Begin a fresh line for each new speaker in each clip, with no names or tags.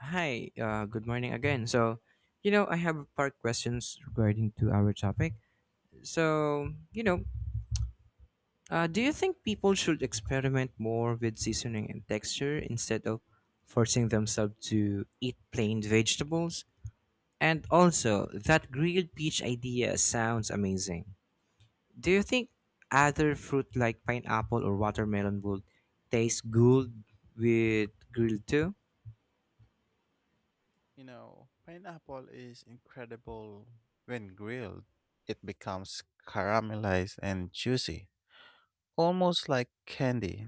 Hi, good morning again. I have a part questions regarding to our topic. So, you know, do you think people should experiment more with seasoning and texture instead of forcing themselves to eat plain vegetables? And also, that grilled peach idea sounds amazing. Do you think other fruit like pineapple or watermelon would taste good with grilled too?
You know, pineapple is incredible when grilled. It becomes caramelized and juicy, almost like candy.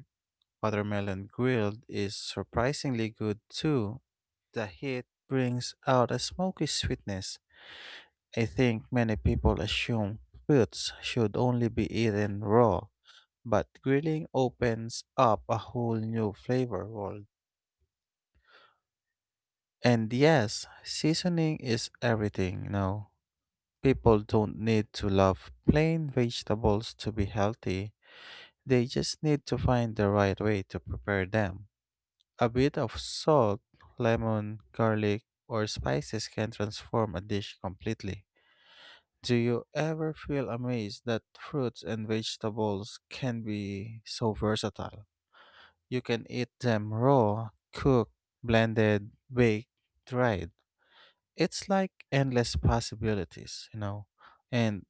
Watermelon grilled is surprisingly good too. The heat brings out a smoky sweetness. I think many people assume fruits should only be eaten raw, but grilling opens up a whole new flavor world. And yes, seasoning is everything. People don't need to love plain vegetables to be healthy, they just need to find the right way to prepare them. A bit of salt, lemon, garlic, or spices can transform a dish completely. Do you ever feel amazed that fruits and vegetables can be so versatile? You can eat them raw, cooked, blended, baked, dried. It's like endless possibilities. And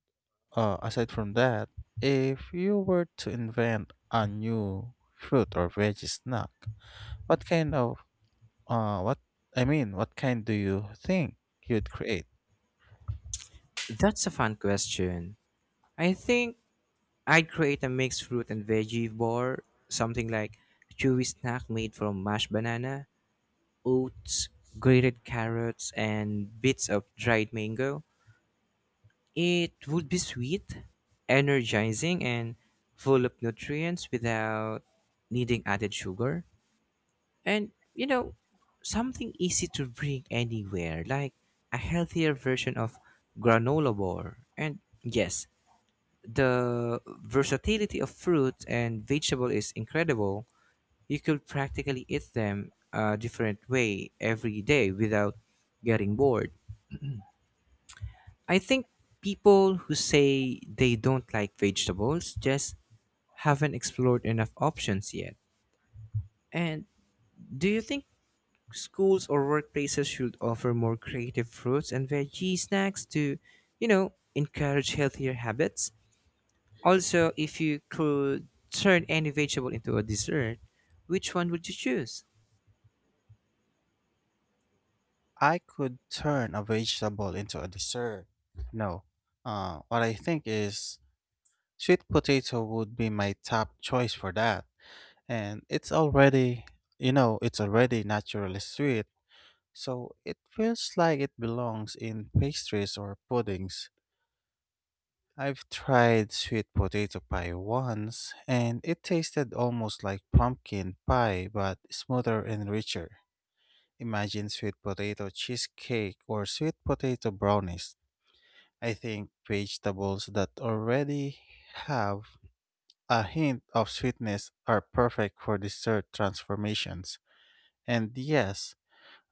Aside from that, if you were to invent a new fruit or veggie snack, what kind of what what kind do you think you'd create?
That's a fun question. I think I'd create a mixed fruit and veggie bar, something like chewy snack made from mashed banana, oats, grated carrots, and bits of dried mango. It would be sweet, energizing, and full of nutrients without needing added sugar. And something easy to bring anywhere, like a healthier version of granola bar. And yes, the versatility of fruit and vegetable is incredible. You could practically eat them a different way every day without getting bored. I think people who say they don't like vegetables just haven't explored enough options yet. And do you think schools or workplaces should offer more creative fruits and veggie snacks to, encourage healthier habits? Also, if you could turn any vegetable into a dessert, which one would you choose?
I could turn a vegetable into a dessert. No. What I think is sweet potato would be my top choice for that. And it's already naturally sweet, so it feels like it belongs in pastries or puddings. I've tried sweet potato pie once, and it tasted almost like pumpkin pie but smoother and richer. Imagine sweet potato cheesecake or sweet potato brownies. I think vegetables that already have a hint of sweetness are perfect for dessert transformations. And yes,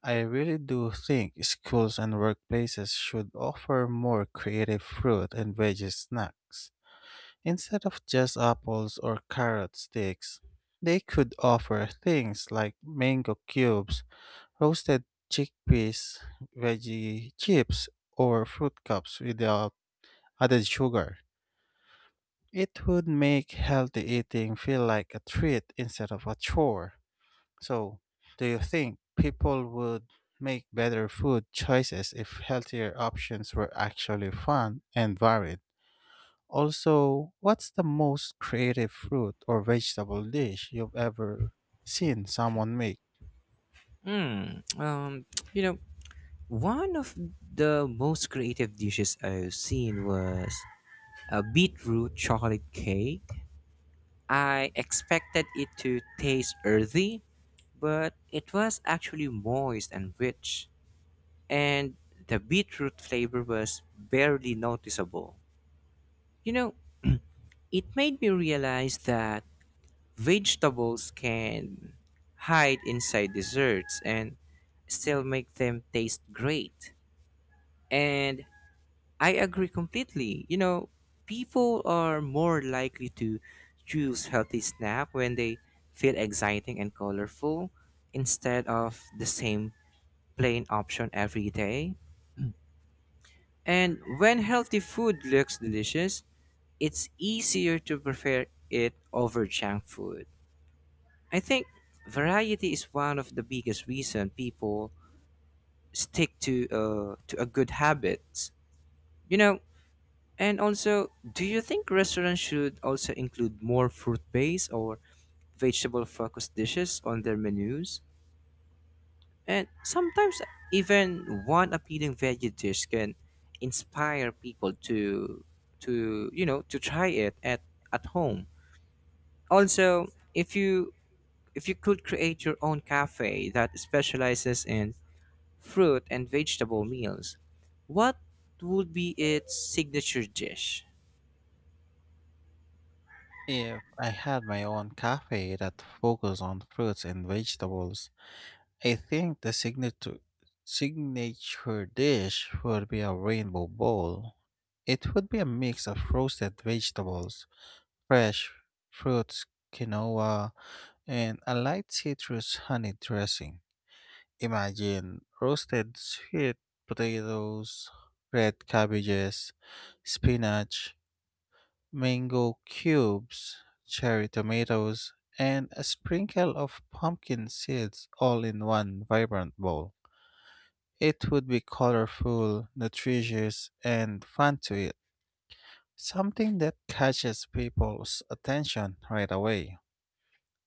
I really do think schools and workplaces should offer more creative fruit and veggie snacks. Instead of just apples or carrot sticks, they could offer things like mango cubes, roasted chickpeas, veggie chips, or fruit cups without added sugar. It would make healthy eating feel like a treat instead of a chore. So, do you think people would make better food choices if healthier options were actually fun and varied? Also, what's the most creative fruit or vegetable dish you've ever seen someone make?
Hmm. Um. You know, One of the most creative dishes I've seen was a beetroot chocolate cake. I expected it to taste earthy, but it was actually moist and rich, and the beetroot flavor was barely noticeable. You know, it made me realize that vegetables can hide inside desserts and still make them taste great. And I agree completely. People are more likely to choose healthy snack when they feel exciting and colorful instead of the same plain option every day. And when healthy food looks delicious, it's easier to prefer it over junk food. I think variety is one of the biggest reason people stick to a good habits. You know, and also, do you think restaurants should also include more fruit-based or vegetable-focused dishes on their menus? And sometimes even one appealing veggie dish can inspire people to to try it at home. Also, if you if you could create your own cafe that specializes in fruit and vegetable meals. What would be its signature dish?
If I had my own cafe that focused on fruits and vegetables, I think the signature dish would be a rainbow bowl. It would be a mix of roasted vegetables, fresh fruits, quinoa, and a light citrus honey dressing. Imagine roasted sweet potatoes, red cabbages, spinach, mango cubes, cherry tomatoes, and a sprinkle of pumpkin seeds all in one vibrant bowl. It would be colorful, nutritious, and fun to eat. Something that catches people's attention right away.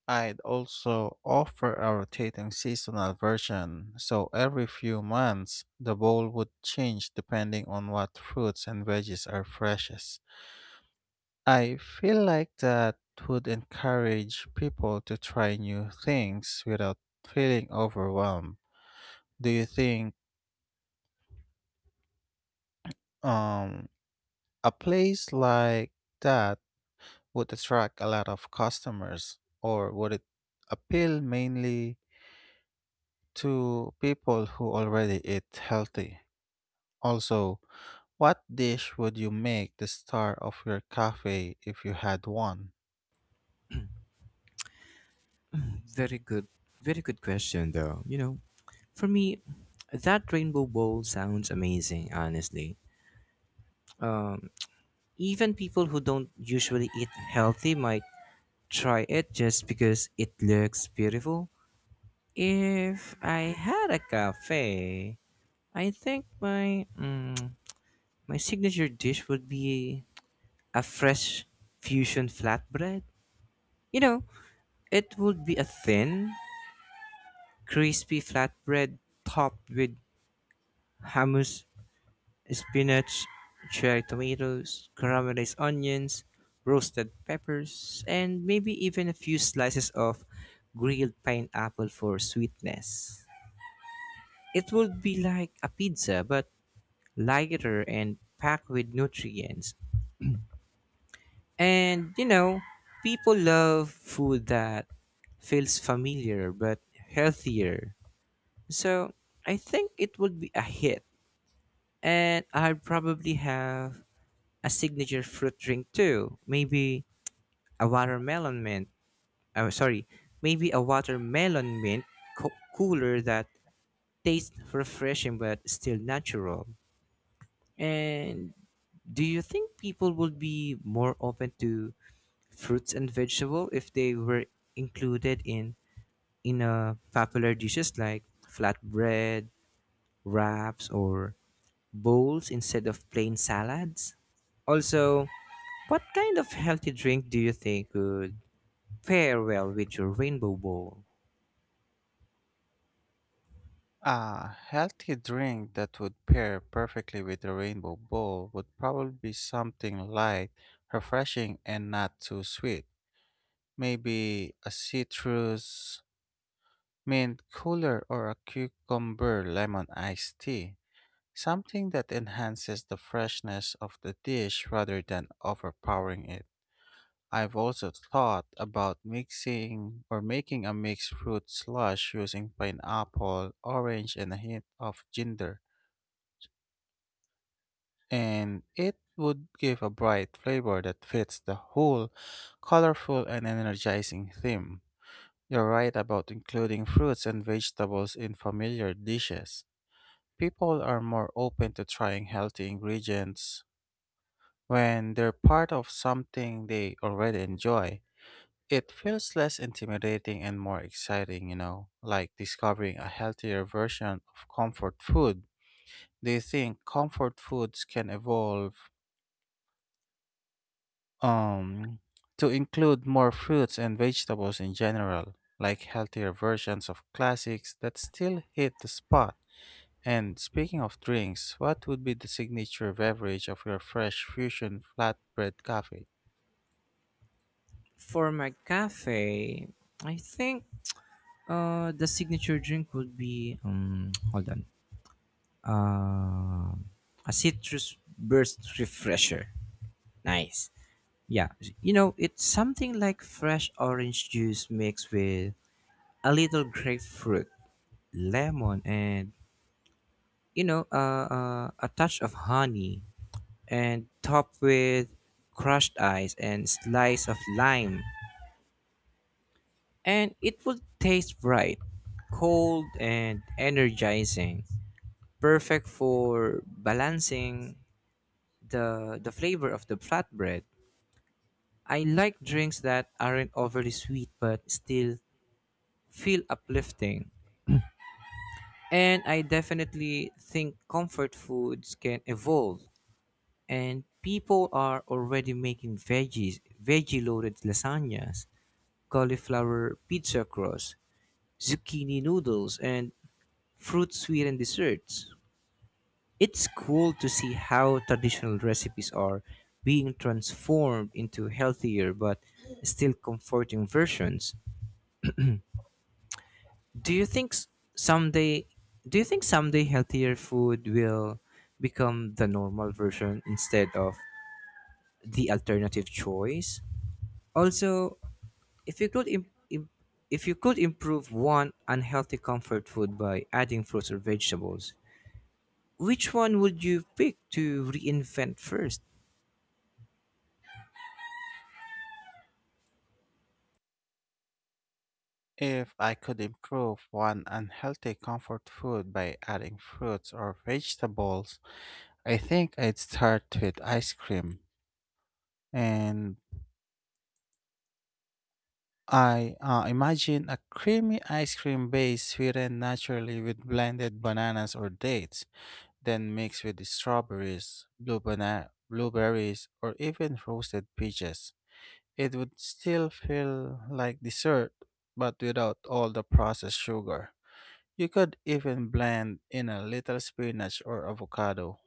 I'd also offer a rotating seasonal version, so every few months the bowl would change depending on what fruits and veggies are freshest. I feel like that would encourage people to try new things without feeling overwhelmed. Do you think um, a place like that would attract a lot of customers, or would it appeal mainly to people who already eat healthy? Also, what dish would you make the star of your cafe if you had one?
Very good, very good question, though. For me, that rainbow bowl sounds amazing, honestly. Um, Even people who don't usually eat healthy might try it just because it looks beautiful. If I had a cafe, I think my signature dish would be a fresh fusion flatbread. You know, It would be a thin, crispy flatbread topped with hummus, spinach, cherry tomatoes, caramelized onions, roasted peppers, and maybe even a few slices of grilled pineapple for sweetness. It would be like a pizza, but lighter and packed with nutrients. And people love food that feels familiar but healthier. So I think it would be a hit. And I'd probably have a signature fruit drink too. Maybe a watermelon mint. Oh, sorry. Maybe a watermelon mint co- cooler that tastes refreshing but still natural. And do you think people would be more open to fruits and vegetable if they were included in in popular dishes like flatbread, wraps, or bowls instead of plain salads? Also, what kind of healthy drink do you think would fare well with your rainbow bowl?
A healthy drink that would pair perfectly with a rainbow bowl would probably be something light, refreshing, and not too sweet. Maybe a citrus mint cooler or a cucumber lemon iced tea. Something that enhances the freshness of the dish rather than overpowering it. I've also thought about mixing or making a mixed fruit slush using pineapple, orange, and a hint of ginger. And it would give a bright flavor that fits the whole colorful and energizing theme. You're right about including fruits and vegetables in familiar dishes. People are more open to trying healthy ingredients when they're part of something they already enjoy. It feels less intimidating and more exciting, you know, like discovering a healthier version of comfort food. Do you think comfort foods can evolve um, to include more fruits and vegetables in general, like healthier versions of classics that still hit the spot? And speaking of drinks, what would be the signature beverage of your fresh fusion flatbread cafe?
For my cafe, I think the signature drink would be hold on. Um a citrus burst refresher. Nice. Yeah, it's something like fresh orange juice mixed with a little grapefruit, lemon and a touch of honey and topped with crushed ice and slice of lime. And it would taste bright, cold, and energizing. Perfect for balancing the flavor of the flatbread. I like drinks that aren't overly sweet but still feel uplifting. And I definitely think comfort foods can evolve, and people are already making veggie loaded lasagnas, cauliflower pizza crust, zucchini noodles, and fruit sweetened desserts. It's cool to see how traditional recipes are being transformed into healthier but still comforting versions. do you think s- someday do you think someday healthier food will become the normal version instead of the alternative choice? Also, If you could im- im- if you could improve one unhealthy comfort food by adding fruits or vegetables, which one would you pick to reinvent first?
If I could improve one unhealthy comfort food by adding fruits or vegetables, I think I'd start with ice cream. And I imagine a creamy ice cream base sweetened naturally with blended bananas or dates, then mixed with strawberries, blueberries, or even roasted peaches. It would still feel like dessert, but without all the processed sugar. You could even blend in a little spinach or avocado.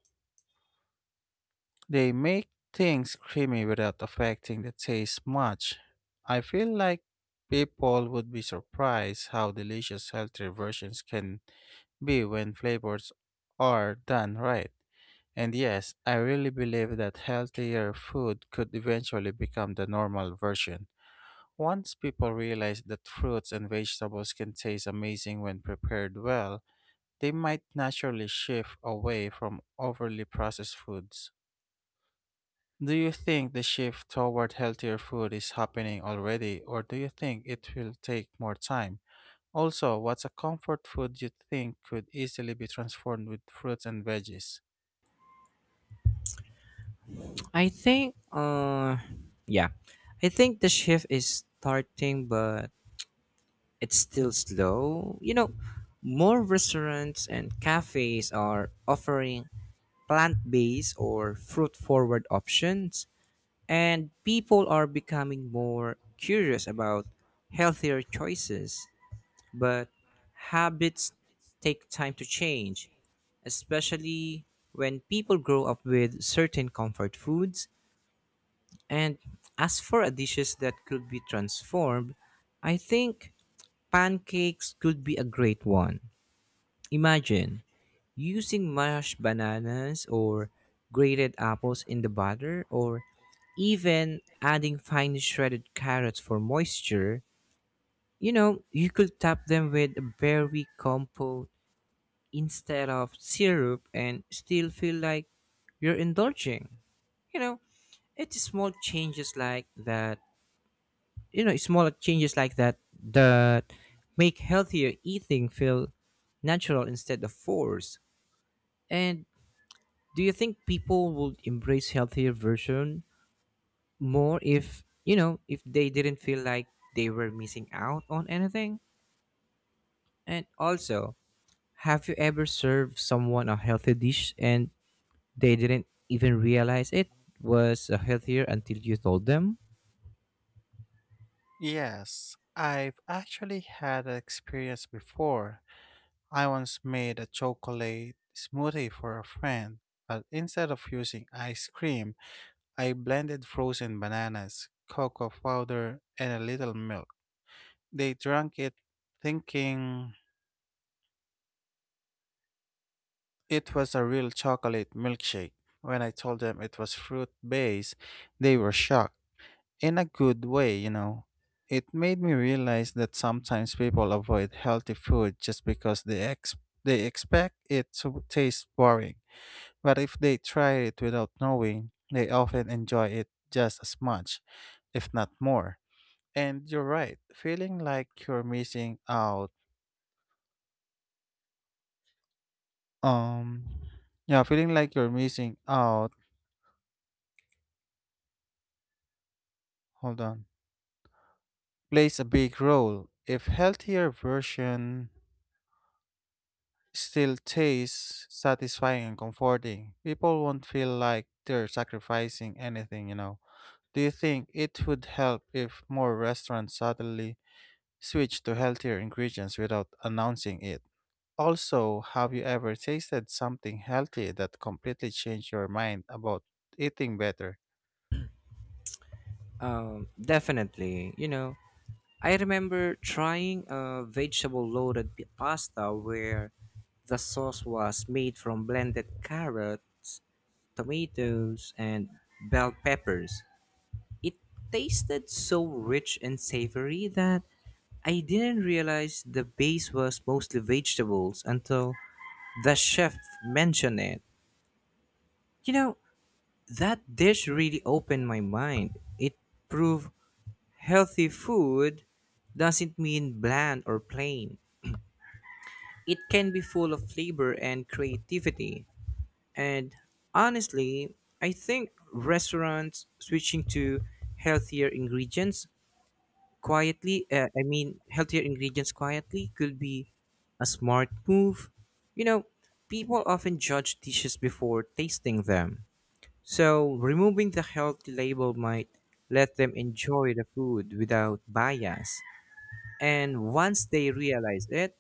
They make things creamy without affecting the taste much. I feel like people would be surprised how delicious healthy versions can be when flavors are done right. And yes, I really believe that healthier food could eventually become the normal version. Once people realize that fruits and vegetables can taste amazing when prepared well, they might naturally shift away from overly processed foods. Do you think the shift toward healthier food is happening already, or do you think it will take more time? Also, what's a comfort food you think could easily be transformed with fruits and veggies?
I think yeah. I think the shift is starting but it's still slow. You know, more restaurants and cafes are offering plant-based or fruit-forward options, and people are becoming more curious about healthier choices. But habits take time to change, especially when people grow up with certain comfort foods. And as for a dishes that could be transformed, I think pancakes could be a great one. Imagine using mashed bananas or grated apples in the butter or even adding fine shredded carrots for moisture. You know, you could top them with berry compote instead of syrup and still feel like you're indulging. You know, it's small changes like that, you know, small changes like that that make healthier eating feel natural instead of forced. And do you think people would embrace healthier version more if, if they didn't feel like they were missing out on anything? And also, have you ever served someone a healthy dish and they didn't even realize it was healthier until you told them?
Yes, I've actually had an experience before. I once made a chocolate smoothie for a friend, but instead of using ice cream, I blended frozen bananas, cocoa powder, and a little milk. They drank it thinking it was a real chocolate milkshake. When I told them it was fruit based, they were shocked. In a good way, you know. It made me realize that sometimes people avoid healthy food just because they expect it to taste boring. But if they try it without knowing, they often enjoy it just as much, if not more. And you're right, feeling like you're missing out. Um, yeah, feeling like you're missing out. Hold on, plays a big role. If healthier version still tastes satisfying and comforting, people won't feel like they're sacrificing anything. You know. Do you think it would help if more restaurants suddenly switch to healthier ingredients without announcing it? Also, have you ever tasted something healthy that completely changed your mind about eating better?
Definitely. You know, I remember trying a vegetable loaded pasta where the sauce was made from blended carrots, tomatoes, and bell peppers. It tasted so rich and savory that I didn't realize the base was mostly vegetables until the chef mentioned it. You know, that dish really opened my mind. It proved healthy food doesn't mean bland or plain. It can be full of flavor and creativity. And honestly, I think restaurants switching to healthier ingredients healthier ingredients quietly could be a smart move. You know, people often judge dishes before tasting them, so removing the healthy label might let them enjoy the food without bias. And once they realize it,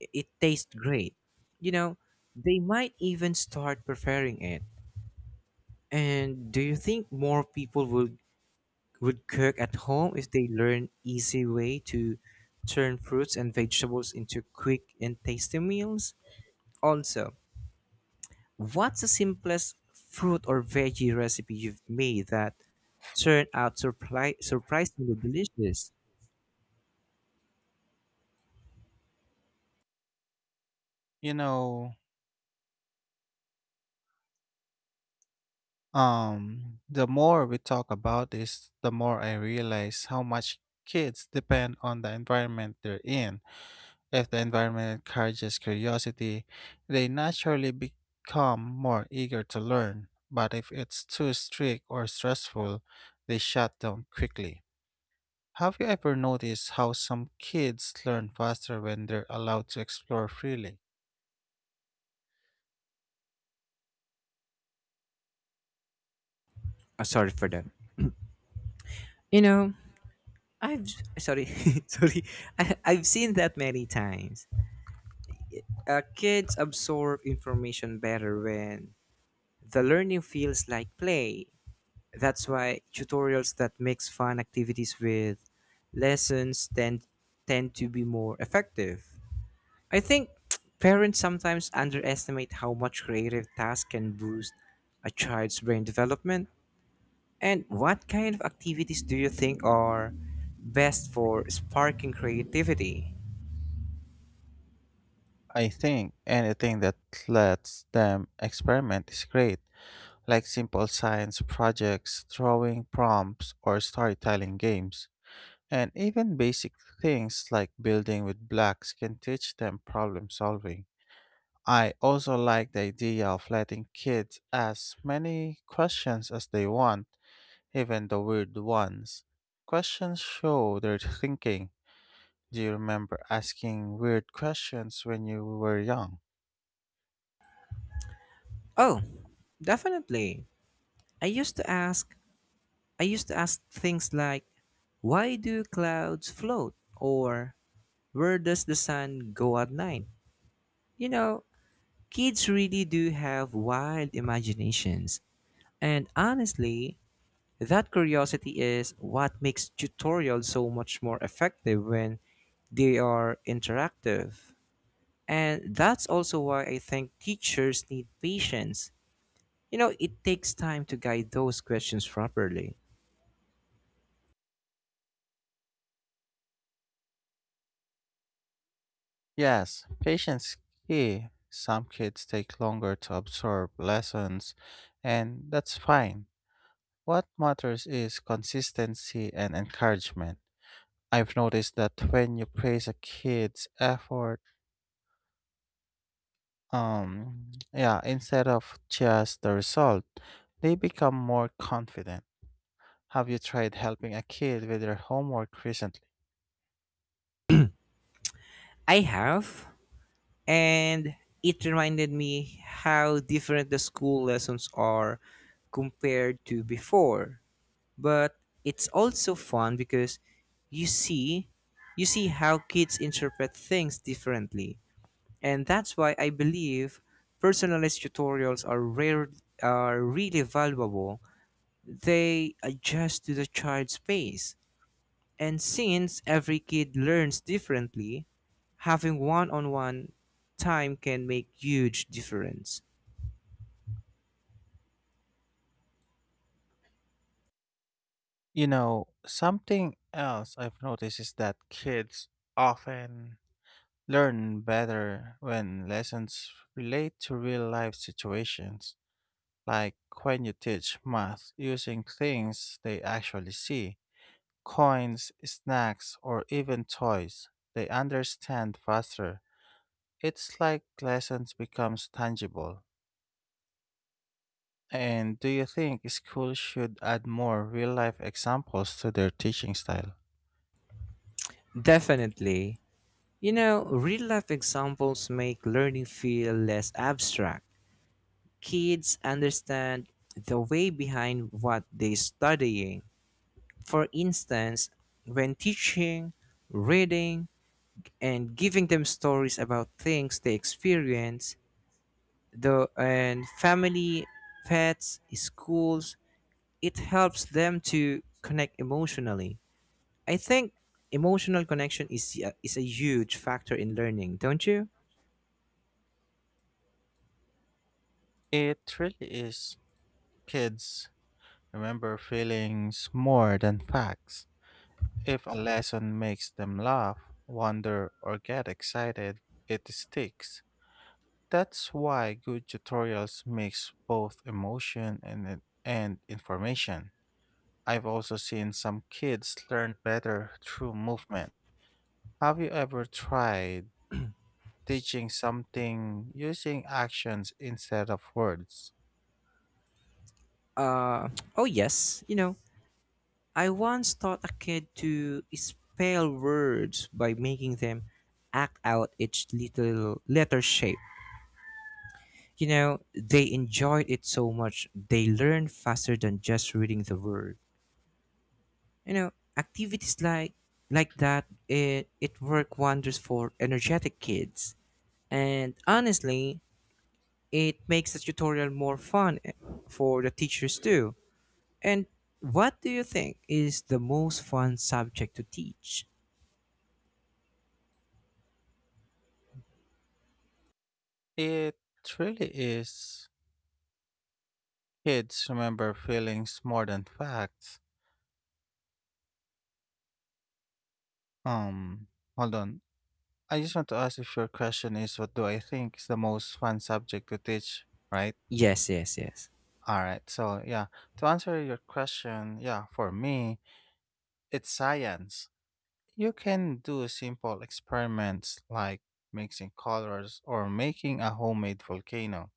it tastes great. You know, they might even start preferring it. And do you think more people will would cook at home if they learn easy way to turn fruits and vegetables into quick and tasty meals. Also, what's the simplest fruit or veggie recipe you've made that turned out surprisingly delicious?
You know, the more we talk about this, the more I realize how much kids depend on the environment they're in. If the environment encourages curiosity, they naturally become more eager to learn. But if it's too strict or stressful, they shut down quickly. Have you ever noticed how some kids learn faster when they're allowed to explore freely?
Sorry for that. You know, I've sorry, sorry. I've seen that many times. Kids absorb information better when the learning feels like play. That's why tutorials that mix fun activities with lessons tend to be more effective. I think parents sometimes underestimate how much creative tasks can boost a child's brain development. And what kind of activities do you think are best for sparking creativity?
I think anything that lets them experiment is great, like simple science projects, drawing prompts, or storytelling games. And even basic things like building with blocks can teach them problem solving. I also like the idea of letting kids ask many questions as they want. Even the weird ones. Questions show their thinking. Do you remember asking weird questions when you were young?
Oh, definitely. I used to ask I used to ask things like why do clouds float or where does the sun go at night? You know, kids really do have wild imaginations. And honestly, that curiosity is what makes tutorials so much more effective when they are interactive. And that's also why I think teachers need patience. You know, it takes time to guide those questions properly.
Yes, patience is key. Some kids take longer to absorb lessons, and that's fine. What matters is consistency and encouragement. I've noticed that when you praise a kid's effort, yeah, instead of just the result, they become more confident. Have you tried helping a kid with their homework recently?
I have, and it reminded me how different the school lessons are compared to before. But it's also fun because you see you see how kids interpret things differently. And that's why I believe personalized tutorials are really valuable. They adjust to the child's pace, and since every kid learns differently, having one-on-one time can make huge difference.
You know, something else I've noticed is that kids often learn better when lessons relate to real life situations, like when you teach math using things they actually see, coins, snacks, or even toys. They understand faster. It's like lessons becomes tangible. And do you think schools should add more real life examples to their teaching style?
Definitely. You know, real-life examples make learning feel less abstract. Kids understand the way behind what they're studying. For instance, when teaching, reading, and giving them stories about things they experience, the and family, pets, schools, it helps them to connect emotionally. I think emotional connection is a huge factor in learning, don't you?
It really is. Kids remember feelings more than facts. If a lesson makes them laugh, wonder, or get excited, it sticks. That's why good tutorials mix both emotion and information. I've also seen some kids learn better through movement. Have you ever tried teaching something using actions instead of words?
Uh, oh yes, you know, I once taught a kid to spell words by making them act out each little letter shape. You know, they enjoyed it so much they learned faster than just reading the word. You know, activities like that it work wonders for energetic kids. And honestly, it makes the tutorial more fun for the teachers too. And what do you think is the most fun subject to teach?
It really is. Kids remember feelings more than facts. Um, Hold on. I just want to ask if your question is what do I think is the most fun subject to teach, right?
Yes, yes, yes.
All right. So, yeah, to answer your question, yeah, for me, it's science. You can do simple experiments like mixing colors or making a homemade volcano.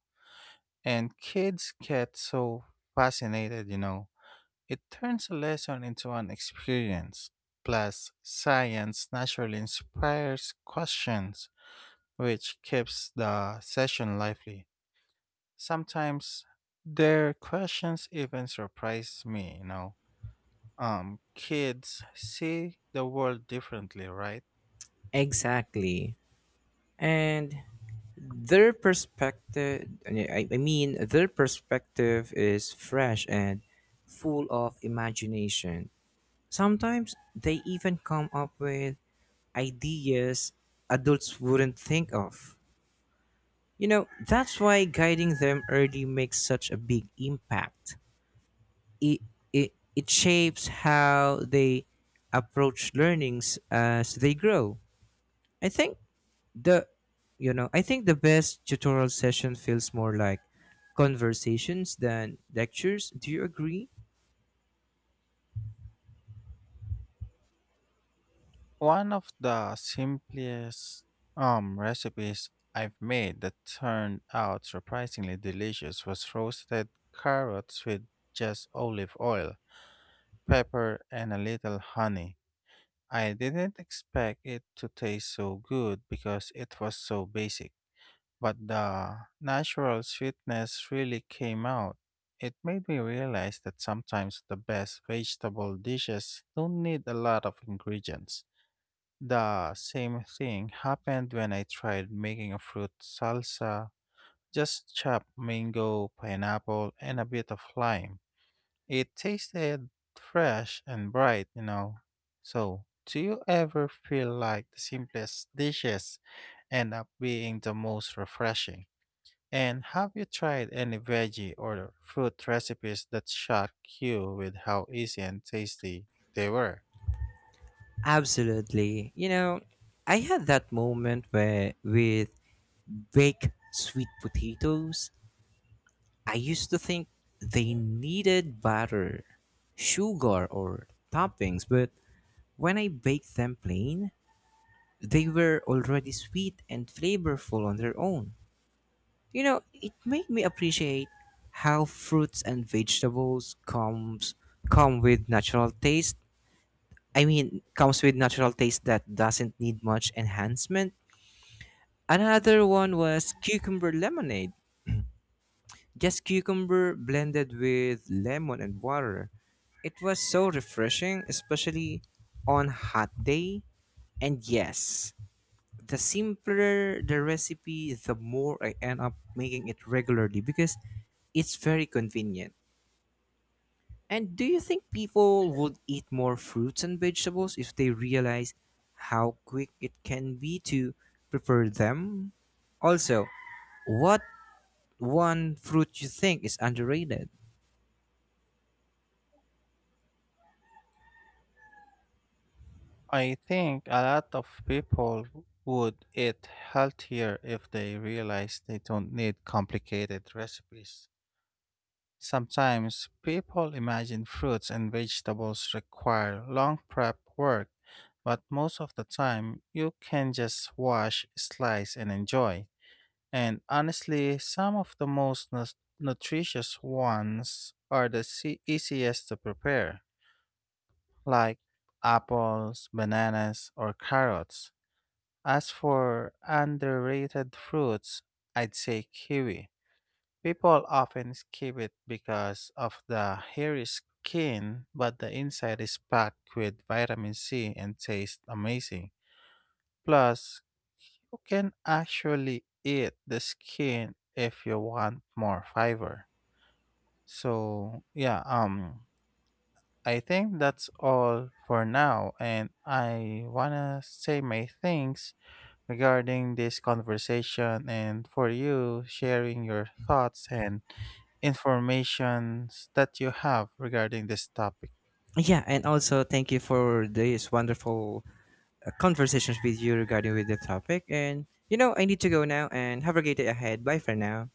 And kids get so fascinated, you know. It turns a lesson into an experience. Plus, science naturally inspires questions, which keeps the session lively. Sometimes their questions even surprise me, you know. Kids see the world differently, right?
Exactly. And their perspective, their perspective is fresh and full of imagination. Sometimes they even come up with ideas adults wouldn't think of. You know, that's why guiding them early makes such a big impact. It, it shapes how they approach learnings as they grow. I think the the best tutorial session feels more like conversations than lectures. Do you agree?
One of the simplest recipes I've made that turned out surprisingly delicious was roasted carrots with just olive oil, pepper, and a little honey. I didn't expect it to taste so good because it was so basic, but the natural sweetness really came out. It made me realize that sometimes the best vegetable dishes don't need a lot of ingredients. The same thing happened when I tried making a fruit salsa. Just chopped mango, pineapple, and a bit of lime. It tasted fresh and bright, you know. So, do you ever feel like the simplest dishes end up being the most refreshing? And have you tried any veggie or fruit recipes that shocked you with how easy and tasty they were?
Absolutely. You know, I had that moment where with baked sweet potatoes. I used to think they needed butter, sugar, or toppings, but when I baked them plain, they were already sweet and flavorful on their own. You know, it made me appreciate how fruits and vegetables come with natural taste. I mean, comes with natural taste that doesn't need much enhancement. Another one was cucumber lemonade. Just cucumber blended with lemon and water. It was so refreshing, especially on hot day. And yes, the simpler the recipe, the more I end up making it regularly because it's very convenient. And do you think people would eat more fruits and vegetables if they realize how quick it can be to prepare them? Also, what one fruit you think is underrated?
I think a lot of people would eat healthier if they realize they don't need complicated recipes. Sometimes people imagine fruits and vegetables require long prep work, but most of the time you can just wash, slice, and enjoy. And honestly, some of the most nutritious ones are the easiest to prepare, like apples, bananas, or carrots. As for underrated fruits, I'd say kiwi. People often skip it because of the hairy skin, but the inside is packed with vitamin C and tastes amazing. Plus, you can actually eat the skin if you want more fiber. So, yeah, I think that's all for now and I want to say my thanks regarding this conversation and for you sharing your thoughts and informations that you have regarding this topic.
Yeah, and also thank you for this wonderful conversations with you regarding with the topic. And you know, I need to go now and have a great day ahead. Bye for now.